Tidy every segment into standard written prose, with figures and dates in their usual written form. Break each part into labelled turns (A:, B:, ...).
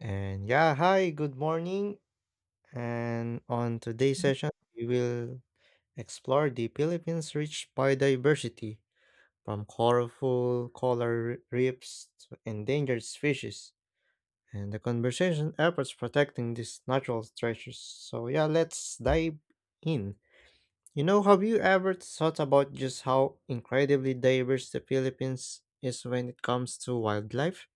A: And yeah, hi, good morning. And on today's session, we will explore the Philippines' rich biodiversity from color reefs to endangered species and the conservation efforts protecting these natural treasures. So, yeah, let's dive in. Have you ever thought about just how incredibly diverse the Philippines is when it comes to wildlife?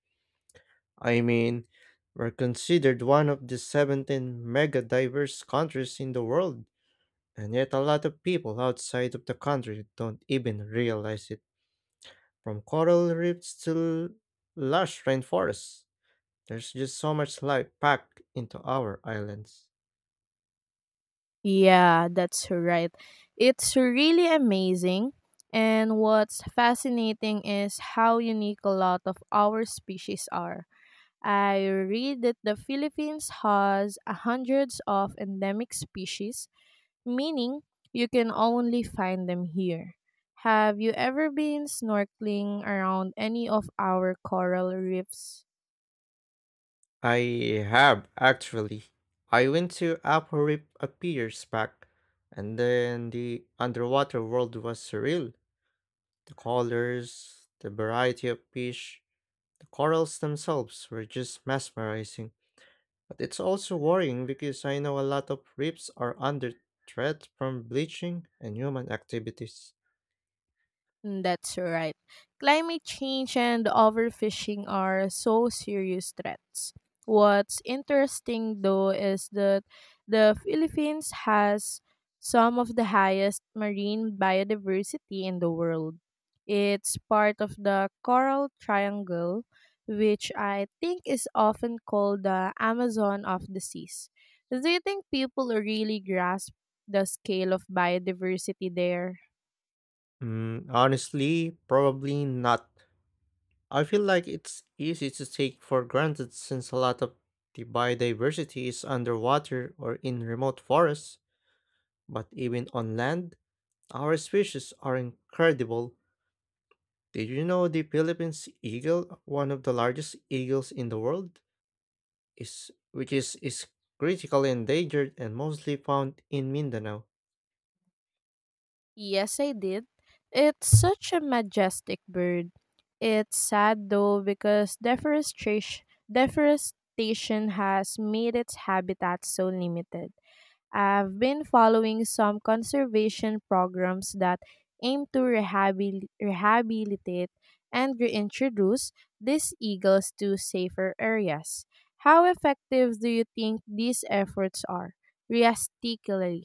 A: I mean, we're considered one of the 17 mega diverse countries in the world, and yet a lot of people outside of the country don't even realize it. From coral reefs to lush rainforests, there's just so much life packed into our islands.
B: Yeah, that's right. It's really amazing. And what's fascinating is how unique a lot of our species are. I read that the Philippines has hundreds of endemic species, meaning you can only find them here. Have you ever been snorkeling around any of our coral reefs?
A: I have, actually. I went to Upper Reef a few years back, and then the underwater world was surreal. The colors, the variety of fish, the corals themselves were just mesmerizing, but it's also worrying because I know a lot of reefs are under threat from bleaching and human activities.
B: Mm, that's right. Climate change and overfishing are so serious threats. What's interesting though is that the Philippines has some of the highest marine biodiversity in the world. It's part of the Coral Triangle, which I think is often called the Amazon of the seas. Do you think people really grasp the scale of biodiversity there?
A: Honestly, probably not. I feel like it's easy to take for granted since a lot of the biodiversity is underwater or in remote forests, but even on land, our species are incredible. Did you know the Philippines eagle, one of the largest eagles in the world? Is critically endangered and mostly found in Mindanao.
B: Yes, I did. It's such a majestic bird. It's sad though because deforestation has made its habitat so limited. I've been following some conservation programs that aim to rehabilitate and reintroduce these eagles to safer areas. How effective do you think these efforts are? Realistically,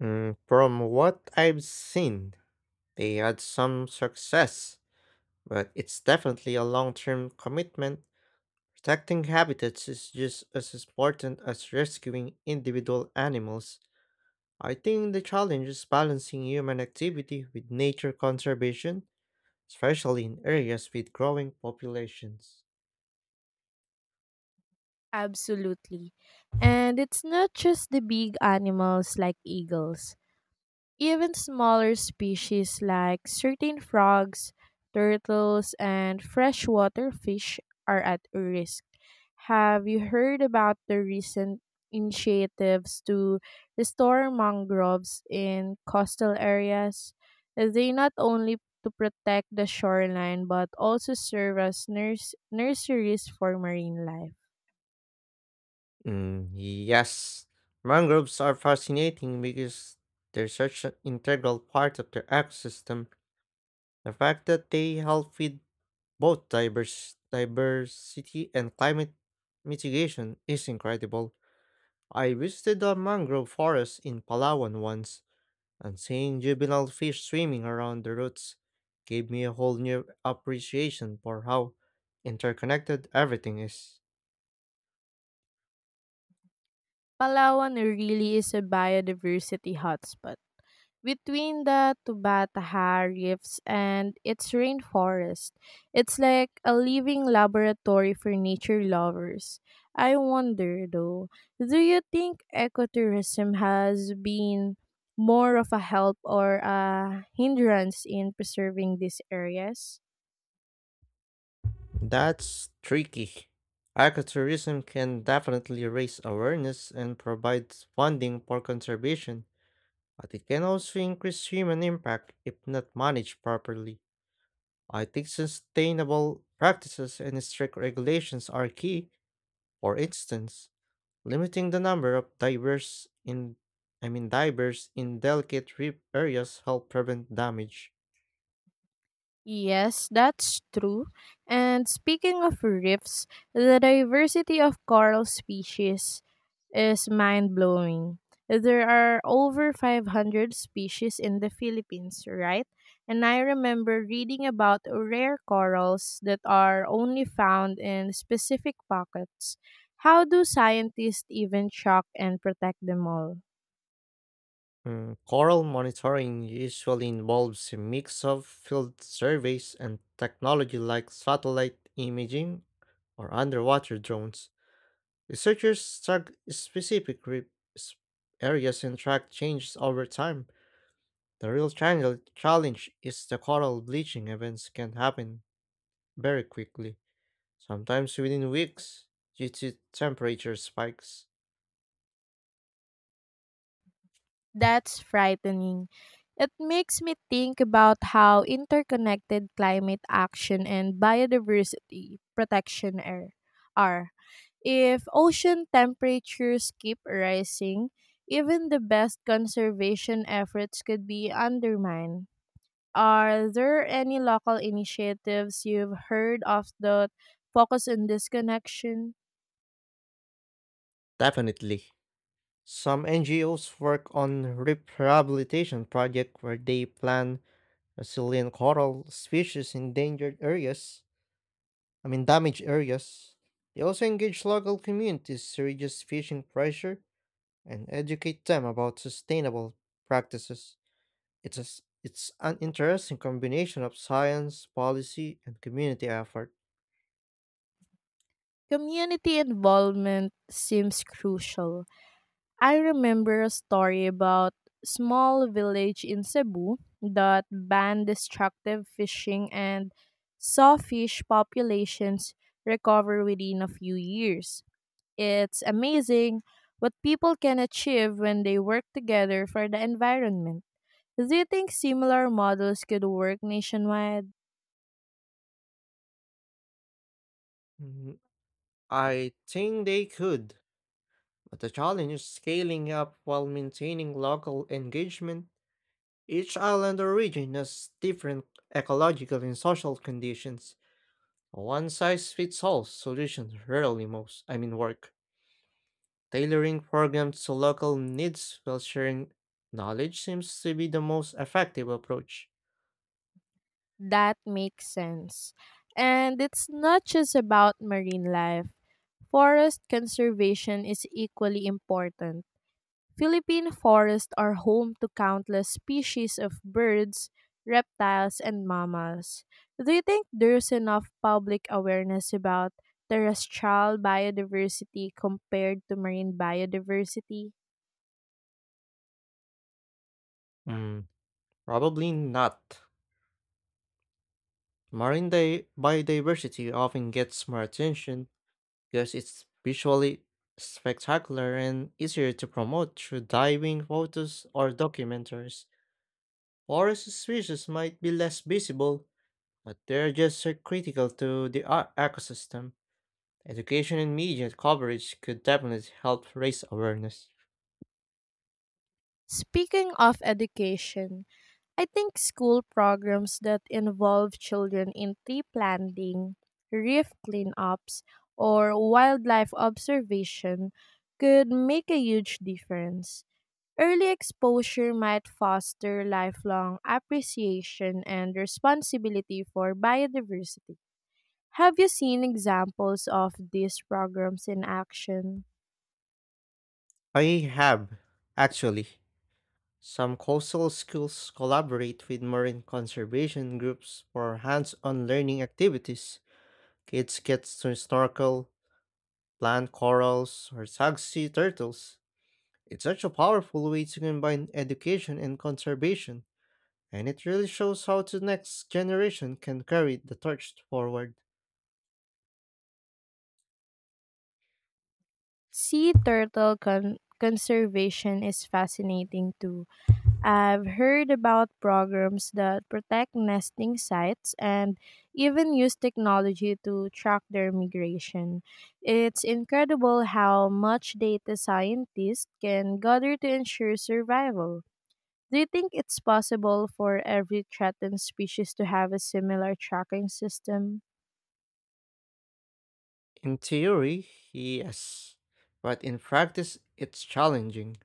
A: From what I've seen, they had some success, but it's definitely a long term commitment. Protecting habitats is just as important as rescuing individual animals. I think the challenge is balancing human activity with nature conservation, especially in areas with growing populations.
B: absolutely. And it's not just the big animals like eagles. Even smaller species like certain frogs, turtles, and freshwater fish are at risk. Have you heard about the recent initiatives to restore mangroves in coastal areas? They not only to protect the shoreline but also serve as nurseries for marine life.
A: Yes. Mangroves are fascinating because they're such an integral part of the ecosystem. The fact that they help with both diverse diversity and climate mitigation is incredible. I visited a mangrove forest in Palawan once, and seeing juvenile fish swimming around the roots gave me a whole new appreciation for how interconnected everything is.
B: Palawan really is a biodiversity hotspot. Between the Tubataha Reefs and its rainforest, it's like a living laboratory for nature lovers. I wonder though, do you think ecotourism has been more of a help or a hindrance in preserving these areas?
A: That's tricky. Ecotourism can definitely raise awareness and provide funding for conservation, but it can also increase human impact if not managed properly. I think sustainable practices and strict regulations are key. For instance, limiting the number of divers in delicate reef areas help prevent damage.
B: Yes, that's true. And speaking of reefs, the diversity of coral species is mind blowing. There are over 500 species in the Philippines, right? And I remember reading about rare corals that are only found in specific pockets. How do scientists even shock and protect them all?
A: Coral monitoring usually involves a mix of field surveys and technology like satellite imaging or underwater drones. Researchers track s- areas and track changes over time. The real challenge is the coral bleaching events can happen very quickly, sometimes within weeks, due to temperature spikes.
B: That's frightening. It makes me think about how interconnected climate action and biodiversity protection are. If ocean temperatures keep rising, even the best conservation efforts could be undermined. Are there any local initiatives you've heard of that focus on this connection?
A: Definitely. Some NGOs work on rehabilitation projects where they plan resilient coral species in endangered areas, I mean damaged areas. They also engage local communities to reduce fishing pressure and educate them about sustainable practices. It's a s It's an interesting combination of science, policy, and community effort.
B: Community involvement seems crucial. I remember a story about small village in Cebu that banned destructive fishing and saw fish populations recover within a few years. It's amazing what people can achieve when they work together for the environment. Do you think similar models could work nationwide?
A: Mm, I think they could, but the challenge is scaling up while maintaining local engagement. Each island or region has different ecological and social conditions. A one-size-fits-all solution rarely most, I mean work. Tailoring programs to local needs while sharing knowledge seems to be the most effective approach.
B: That makes sense. And it's not just about marine life. Forest conservation is equally important. Philippine forests are home to countless species of birds, reptiles, and mammals. Do you think there's enough public awareness about terrestrial biodiversity compared to marine biodiversity?
A: Mm, Probably not. Biodiversity often gets more attention because it's visually spectacular and easier to promote through diving photos or documentaries. Forest species might be less visible, but they're just so critical to the ecosystem. Education and media coverage could definitely help raise awareness.
B: Speaking of education, I think school programs that involve children in tree planting, reef cleanups, or wildlife observation could make a huge difference. Early exposure might foster lifelong appreciation and responsibility for biodiversity. Have you seen examples of these programs in action?
A: I have, actually. Some coastal schools collaborate with marine conservation groups for hands on learning activities. Kids get to snorkel, plant corals, or tag sea turtles. It's such a powerful way to combine education and conservation, and it really shows how the next generation can carry the torch forward.
B: Sea turtle conservation is fascinating too. I've heard about programs that protect nesting sites and even use technology to track their migration. It's incredible how much data scientists can gather to ensure survival. Do you think it's possible for every threatened species to have a similar tracking system?
A: In theory, yes, but in practice, it's challenging.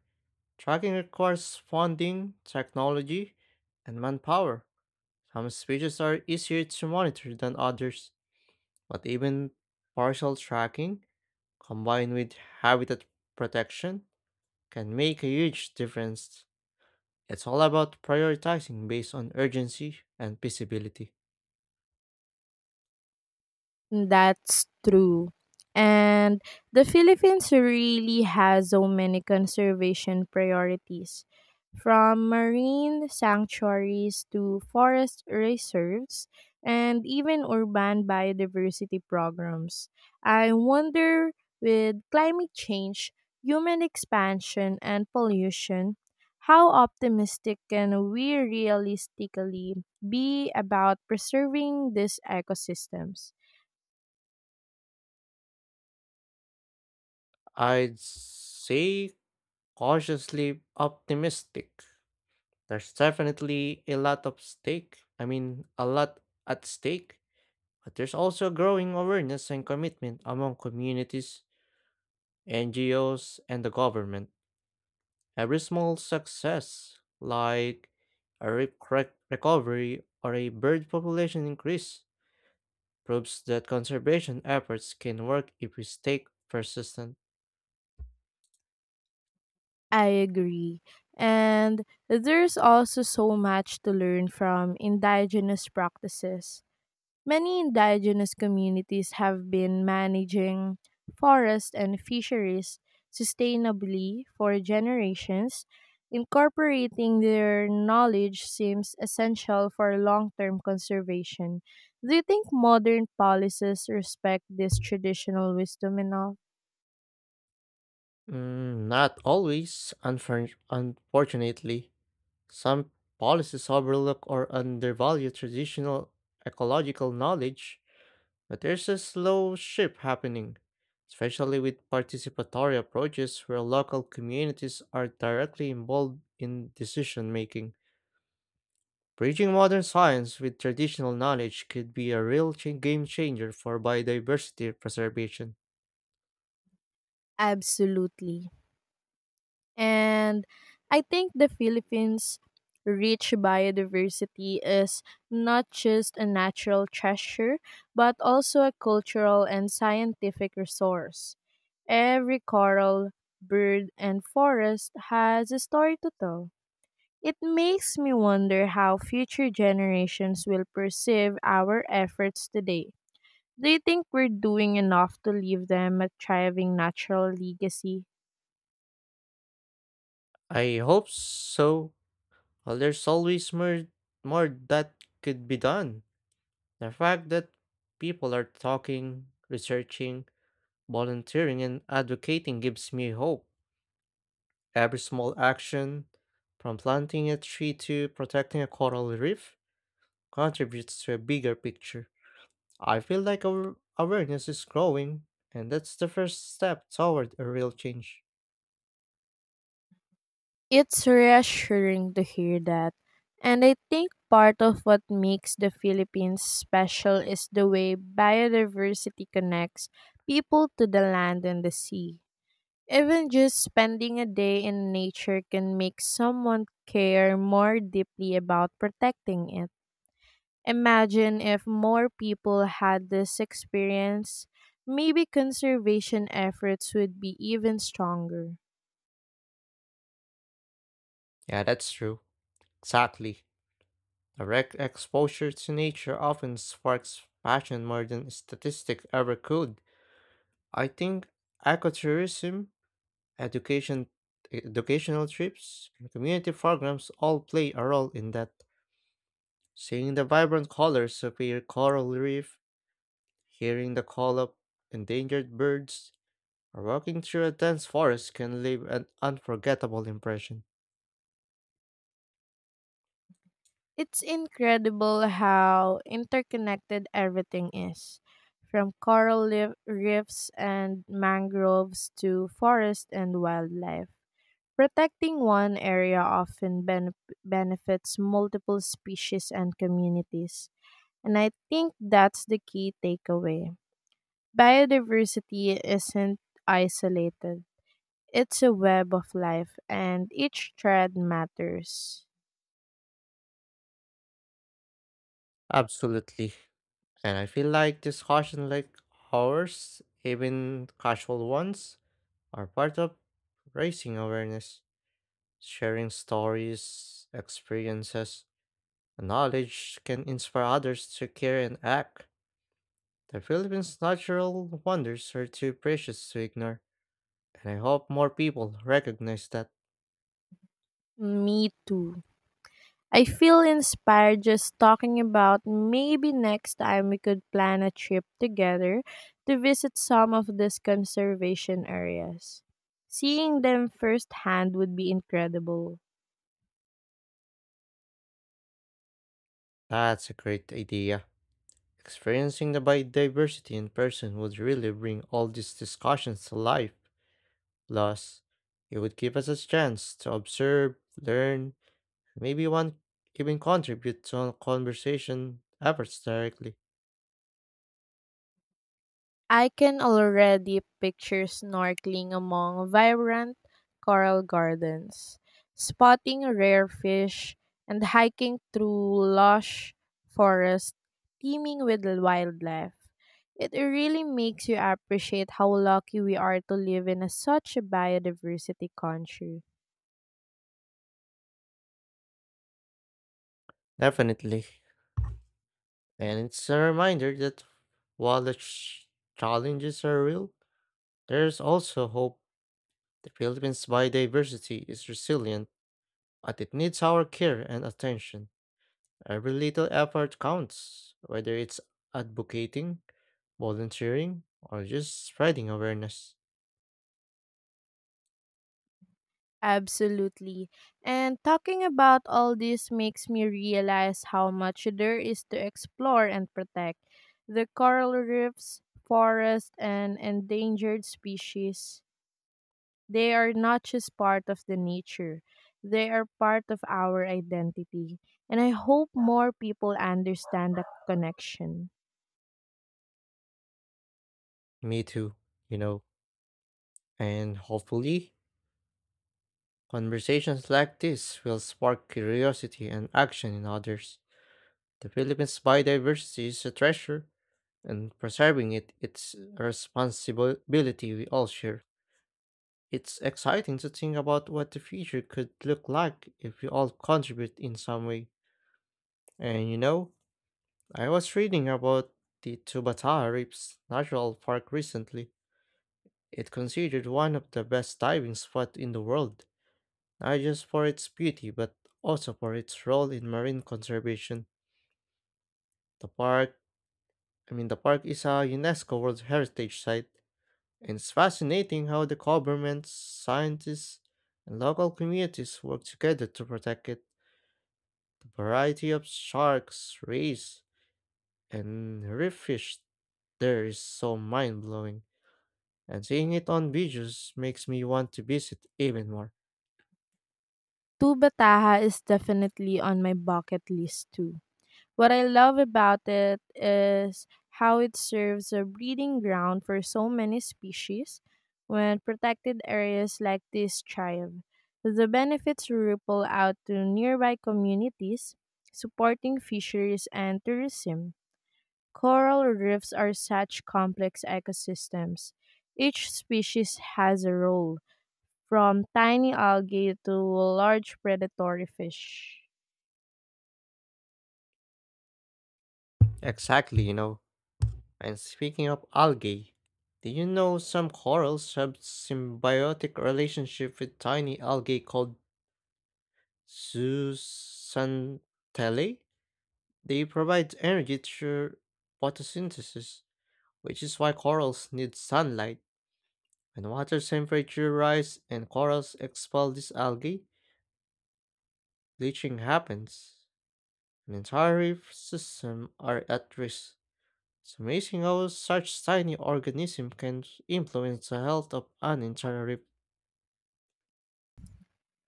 A: Tracking requires funding, technology, and manpower. Some species are easier to monitor than others, but even partial tracking, combined with habitat protection, can make a huge difference. It's all about prioritizing based on urgency and feasibility.
B: That's true. And the Philippines really has so many conservation priorities, from marine sanctuaries to forest reserves and even urban biodiversity programs. I wonder, with climate change, human expansion, and pollution, how optimistic can we realistically be about preserving these ecosystems?
A: I'd say cautiously optimistic. There's definitely a lot at stake, but there's also growing awareness and commitment among communities, NGOs, and the government. Every small success, like a rip crack recovery or a bird population increase, proves that conservation efforts can work if we stay persistent.
B: I agree. And there's also so much to learn from indigenous practices. Many indigenous communities have been managing forests and fisheries sustainably for generations. Incorporating their knowledge seems essential for long term conservation. Do you think modern policies respect this traditional wisdom enough?
A: Not always, unfortunately. Some policies overlook or undervalue traditional ecological knowledge, but there's a slow shift happening, especially with participatory approaches where local communities are directly involved in decision making. Bridging modern science with traditional knowledge could be a game changer for biodiversity preservation.
B: Absolutely. And I think the Philippines' rich biodiversity is not just a natural treasure, but also a cultural and scientific resource. Every coral, bird, and forest has a story to tell. It makes me wonder how future generations will perceive our efforts today. Do you think we're doing enough to leave them a thriving natural legacy?
A: I hope so. Well, there's more that could be done. The fact that people are talking, researching, volunteering, and advocating gives me hope. Every small action, from planting a tree to protecting a coral reef, contributes to a bigger picture. I feel like our awareness is growing, and that's the first step toward a real change.
B: It's reassuring to hear that. And I think part of what makes the Philippines special is the way biodiversity connects people to the land and the sea. Even just spending a day in nature can make someone care more deeply about protecting it. Imagine if more people had this experience, maybe conservation efforts would be even stronger.
A: Yeah, that's true. Exactly. Direct exposure to nature often sparks passion more than statistics ever could. I think ecotourism, education, educational trips, and community programs all play a role in that. Seeing the vibrant colors of a coral reef, hearing the call of endangered birds, or walking through a dense forest can leave an unforgettable impression.
B: It's incredible how interconnected everything is, from reefs and mangroves to forest and wildlife. Protecting one area often benefits multiple species and communities, and I think that's the key takeaway. Biodiversity isn't isolated. It's a web of life, and each thread matters.
A: Absolutely. And I feel like discussion like ours, even casual ones, are part of raising awareness; sharing stories, experiences, and knowledge can inspire others to care and act. The Philippines' natural wonders are too precious to ignore, and I hope more people recognize that.
B: Me too. I feel inspired just talking about maybe next time we could plan a trip together to visit some of these conservation areas. Seeing them firsthand would be incredible.
A: That's a great idea. Experiencing the biodiversity in person would really bring all these discussions to life. Plus, it would give us a chance to observe, learn, maybe one even contribute to conversation efforts directly.
B: I can already picture snorkeling among vibrant coral gardens, spotting rare fish, and hiking through lush forests teeming with wildlife. It really makes you appreciate how lucky we are to live in a such a biodiversity country.
A: Definitely. And it's a reminder that while the challenges are real, there's also hope. The Philippines' biodiversity is resilient, but it needs our care and attention. Every little effort counts, whether it's advocating, volunteering, or just spreading awareness.
B: Absolutely. And talking about all this makes me realize how much there is to explore and protect. The coral reefs, forests, and endangered species, they are not just part of the nature, they are part of our identity. And I hope more people understand the connection.
A: Me too, you know. And hopefully, conversations like this will spark curiosity and action in others. The Philippines' biodiversity is a treasure, and preserving it's a responsibility we all share. It's exciting to think about what the future could look like if we all contribute in some way. And you know, I was reading about the Tubataha Reefs Natural Park recently. It considered one of the best diving spots in the world, not just for its beauty but also for its role in marine conservation. The park, the park is a UNESCO World Heritage Site, and it's fascinating how the government, scientists, and local communities work together to protect it. The variety of sharks, rays, and reef fish there is so mind blowing, and seeing it on videos makes me want to visit even more.
B: Tuba Taha is definitely on my bucket list too. What I love about it is how it serves a breeding ground for so many species when protected areas like this thrive. The benefits ripple out to nearby communities, supporting fisheries and tourism. Coral reefs are such complex ecosystems. Each species has a role, from tiny algae to large predatory fish.
A: Exactly, you know. And speaking of algae, do you know some corals have symbiotic relationship with tiny algae called zooxanthellae? They provide energy through photosynthesis, which is why corals need sunlight. When water temperature rise and corals expel this algae, bleaching happens. An entire reef system are at risk. It's amazing how such tiny organism can influence the health of an entire reef.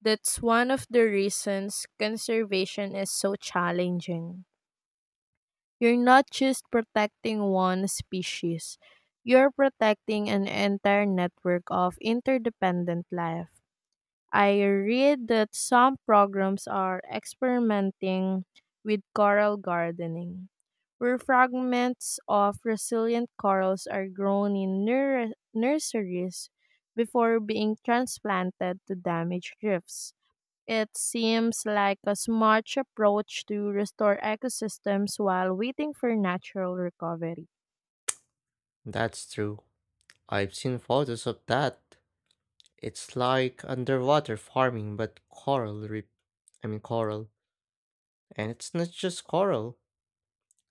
B: That's one of the reasons conservation is so challenging. You're not just protecting one species, you're protecting an entire network of interdependent life. I read that some programs are experimenting with coral gardening, where fragments of resilient corals are grown in nurseries before being transplanted to damaged reefs. It seems like a smart approach to restore ecosystems while waiting for natural recovery.
A: That's true. I've seen photos of that. It's like underwater farming but coral reef. I mean coral. And it's not just coral.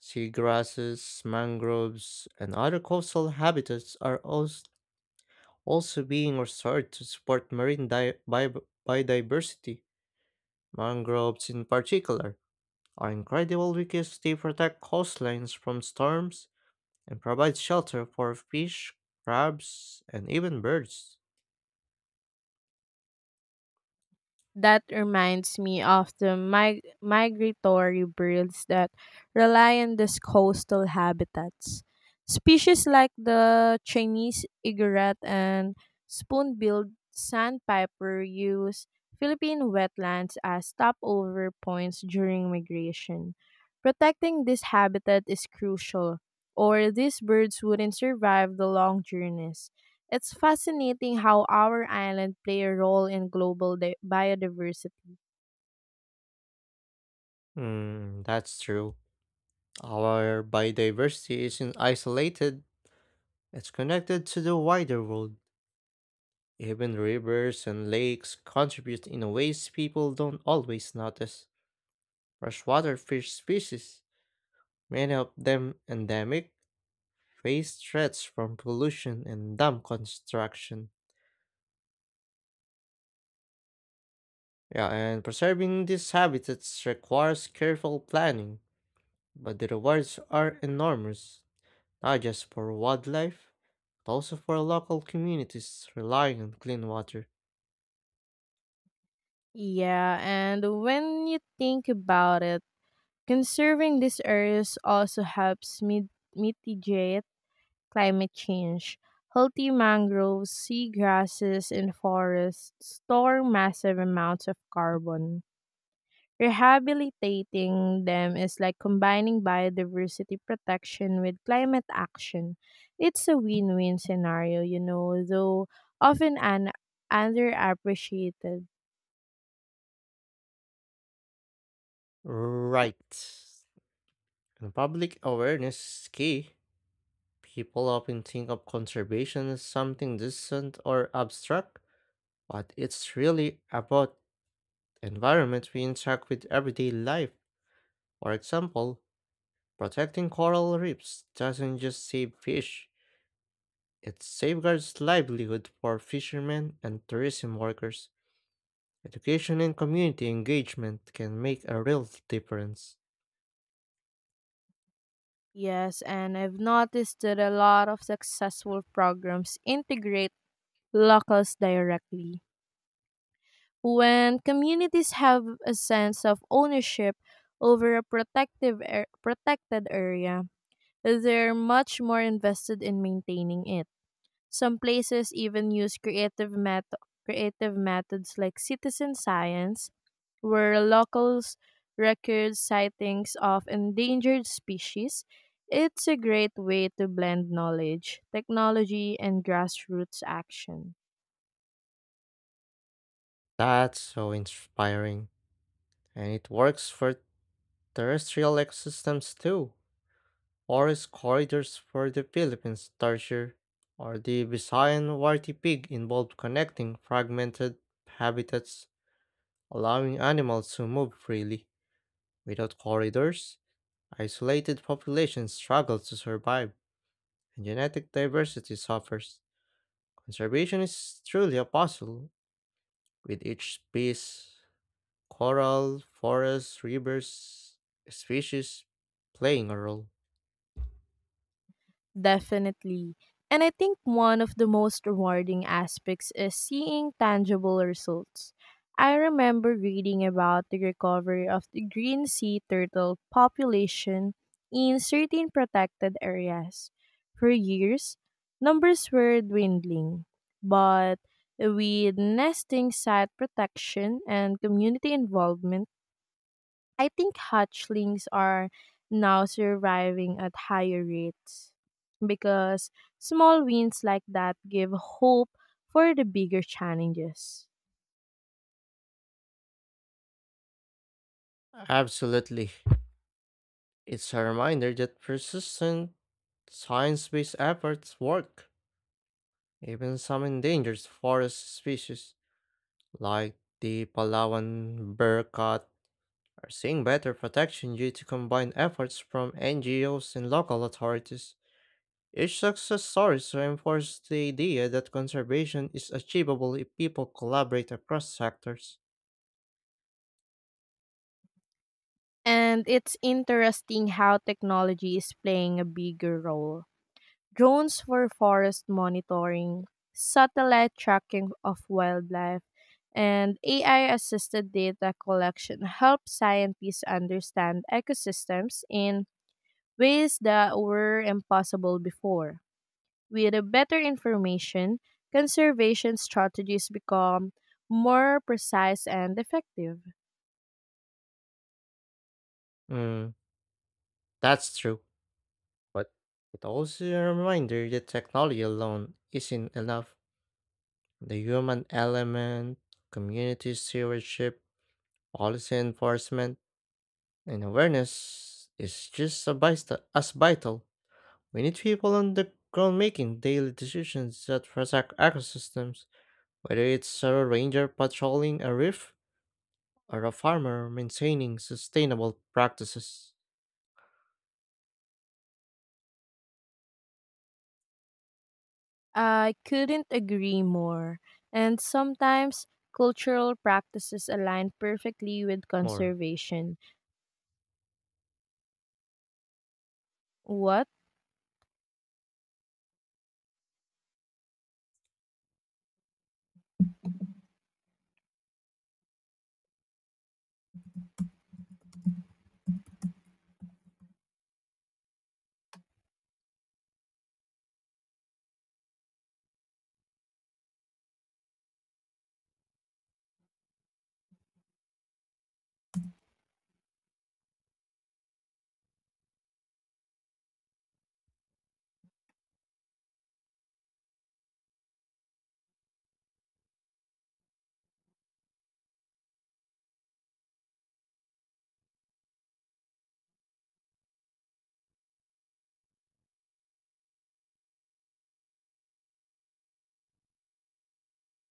A: Seagrasses, mangroves, and other coastal habitats are also being restored to support biodiversity. Mangroves, in particular, are incredible because they protect coastlines from storms and provide shelter for fish, crabs, and even birds.
B: That reminds me of the migratory birds that rely on these coastal habitats. Species like the Chinese egret and spoon-billed sandpiper use Philippine wetlands as stopover points during migration. Protecting this habitat is crucial, or these birds wouldn't survive the long journeys. It's fascinating how our island play a role in global biodiversity.
A: That's true. Our biodiversity isn't isolated, it's connected to the wider world. Even rivers and lakes contribute in ways people don't always notice. Freshwater fish species, many of them endemic, face threats from pollution and dam construction. Yeah, and preserving these habitats requires careful planning, but the rewards are enormous, not just for wildlife, but also for local communities relying on clean water.
B: Yeah, and when you think about it, conserving these areas also helps mitigate climate change. Healthy mangroves, seagrasses, and forests store massive amounts of carbon. Rehabilitating them is like combining biodiversity protection with climate action. It's a win win scenario, though often underappreciated.
A: Right. And public awareness is key. People often think of conservation as something distant or abstract, but it's really about the environment we interact with everyday life. For example, protecting coral reefs doesn't just save fish, it safeguards livelihood for fishermen and tourism workers. Education and community engagement can make a real difference.
B: Yes, and I've noticed that a lot of successful programs integrate locals directly. When communities have a sense of ownership over a protected area, they're much more invested in maintaining it. Some places even use creative methods like citizen science, where locals record sightings of endangered species. It's a great way to blend knowledge, technology, and grassroots action.
A: That's so inspiring. And it works for terrestrial ecosystems too. Forest corridors for the Philippines tarsier, or the Visayan warty pig involve connecting fragmented habitats, allowing animals to move freely. Without corridors, isolated populations struggle to survive, and genetic diversity suffers. Conservation is truly a puzzle, with each piece, coral, forests, rivers, species playing a role.
B: Definitely. And I think one of the most rewarding aspects is seeing tangible results. I remember reading about the recovery of the green sea turtle population in certain protected areas. For years, numbers were dwindling, but with nesting site protection and community involvement, I think hatchlings are now surviving at higher rates because small wins like that give hope for the bigger challenges.
A: Absolutely. It's a reminder that persistent science based efforts work. Even some endangered forest species, like the Palawan bearcat, are seeing better protection due to combined efforts from NGOs and local authorities. Each success story reinforces the idea that conservation is achievable if people collaborate across sectors.
B: And it's interesting how technology is playing a bigger role. Drones for forest monitoring, satellite tracking of wildlife, and AI assisted data collection help scientists understand ecosystems in ways that were impossible before. With a better information, conservation strategies become more precise and effective.
A: Mm, that's true, but it also a reminder that technology alone isn't enough. The human element, community stewardship, policy enforcement, and awareness is just as vital. We need people on the ground making daily decisions that protect ecosystems, whether it's a ranger patrolling a reef are a farmer maintaining sustainable practices
B: I couldn't agree more. And sometimes cultural practices align perfectly with
A: more?
B: conservation. What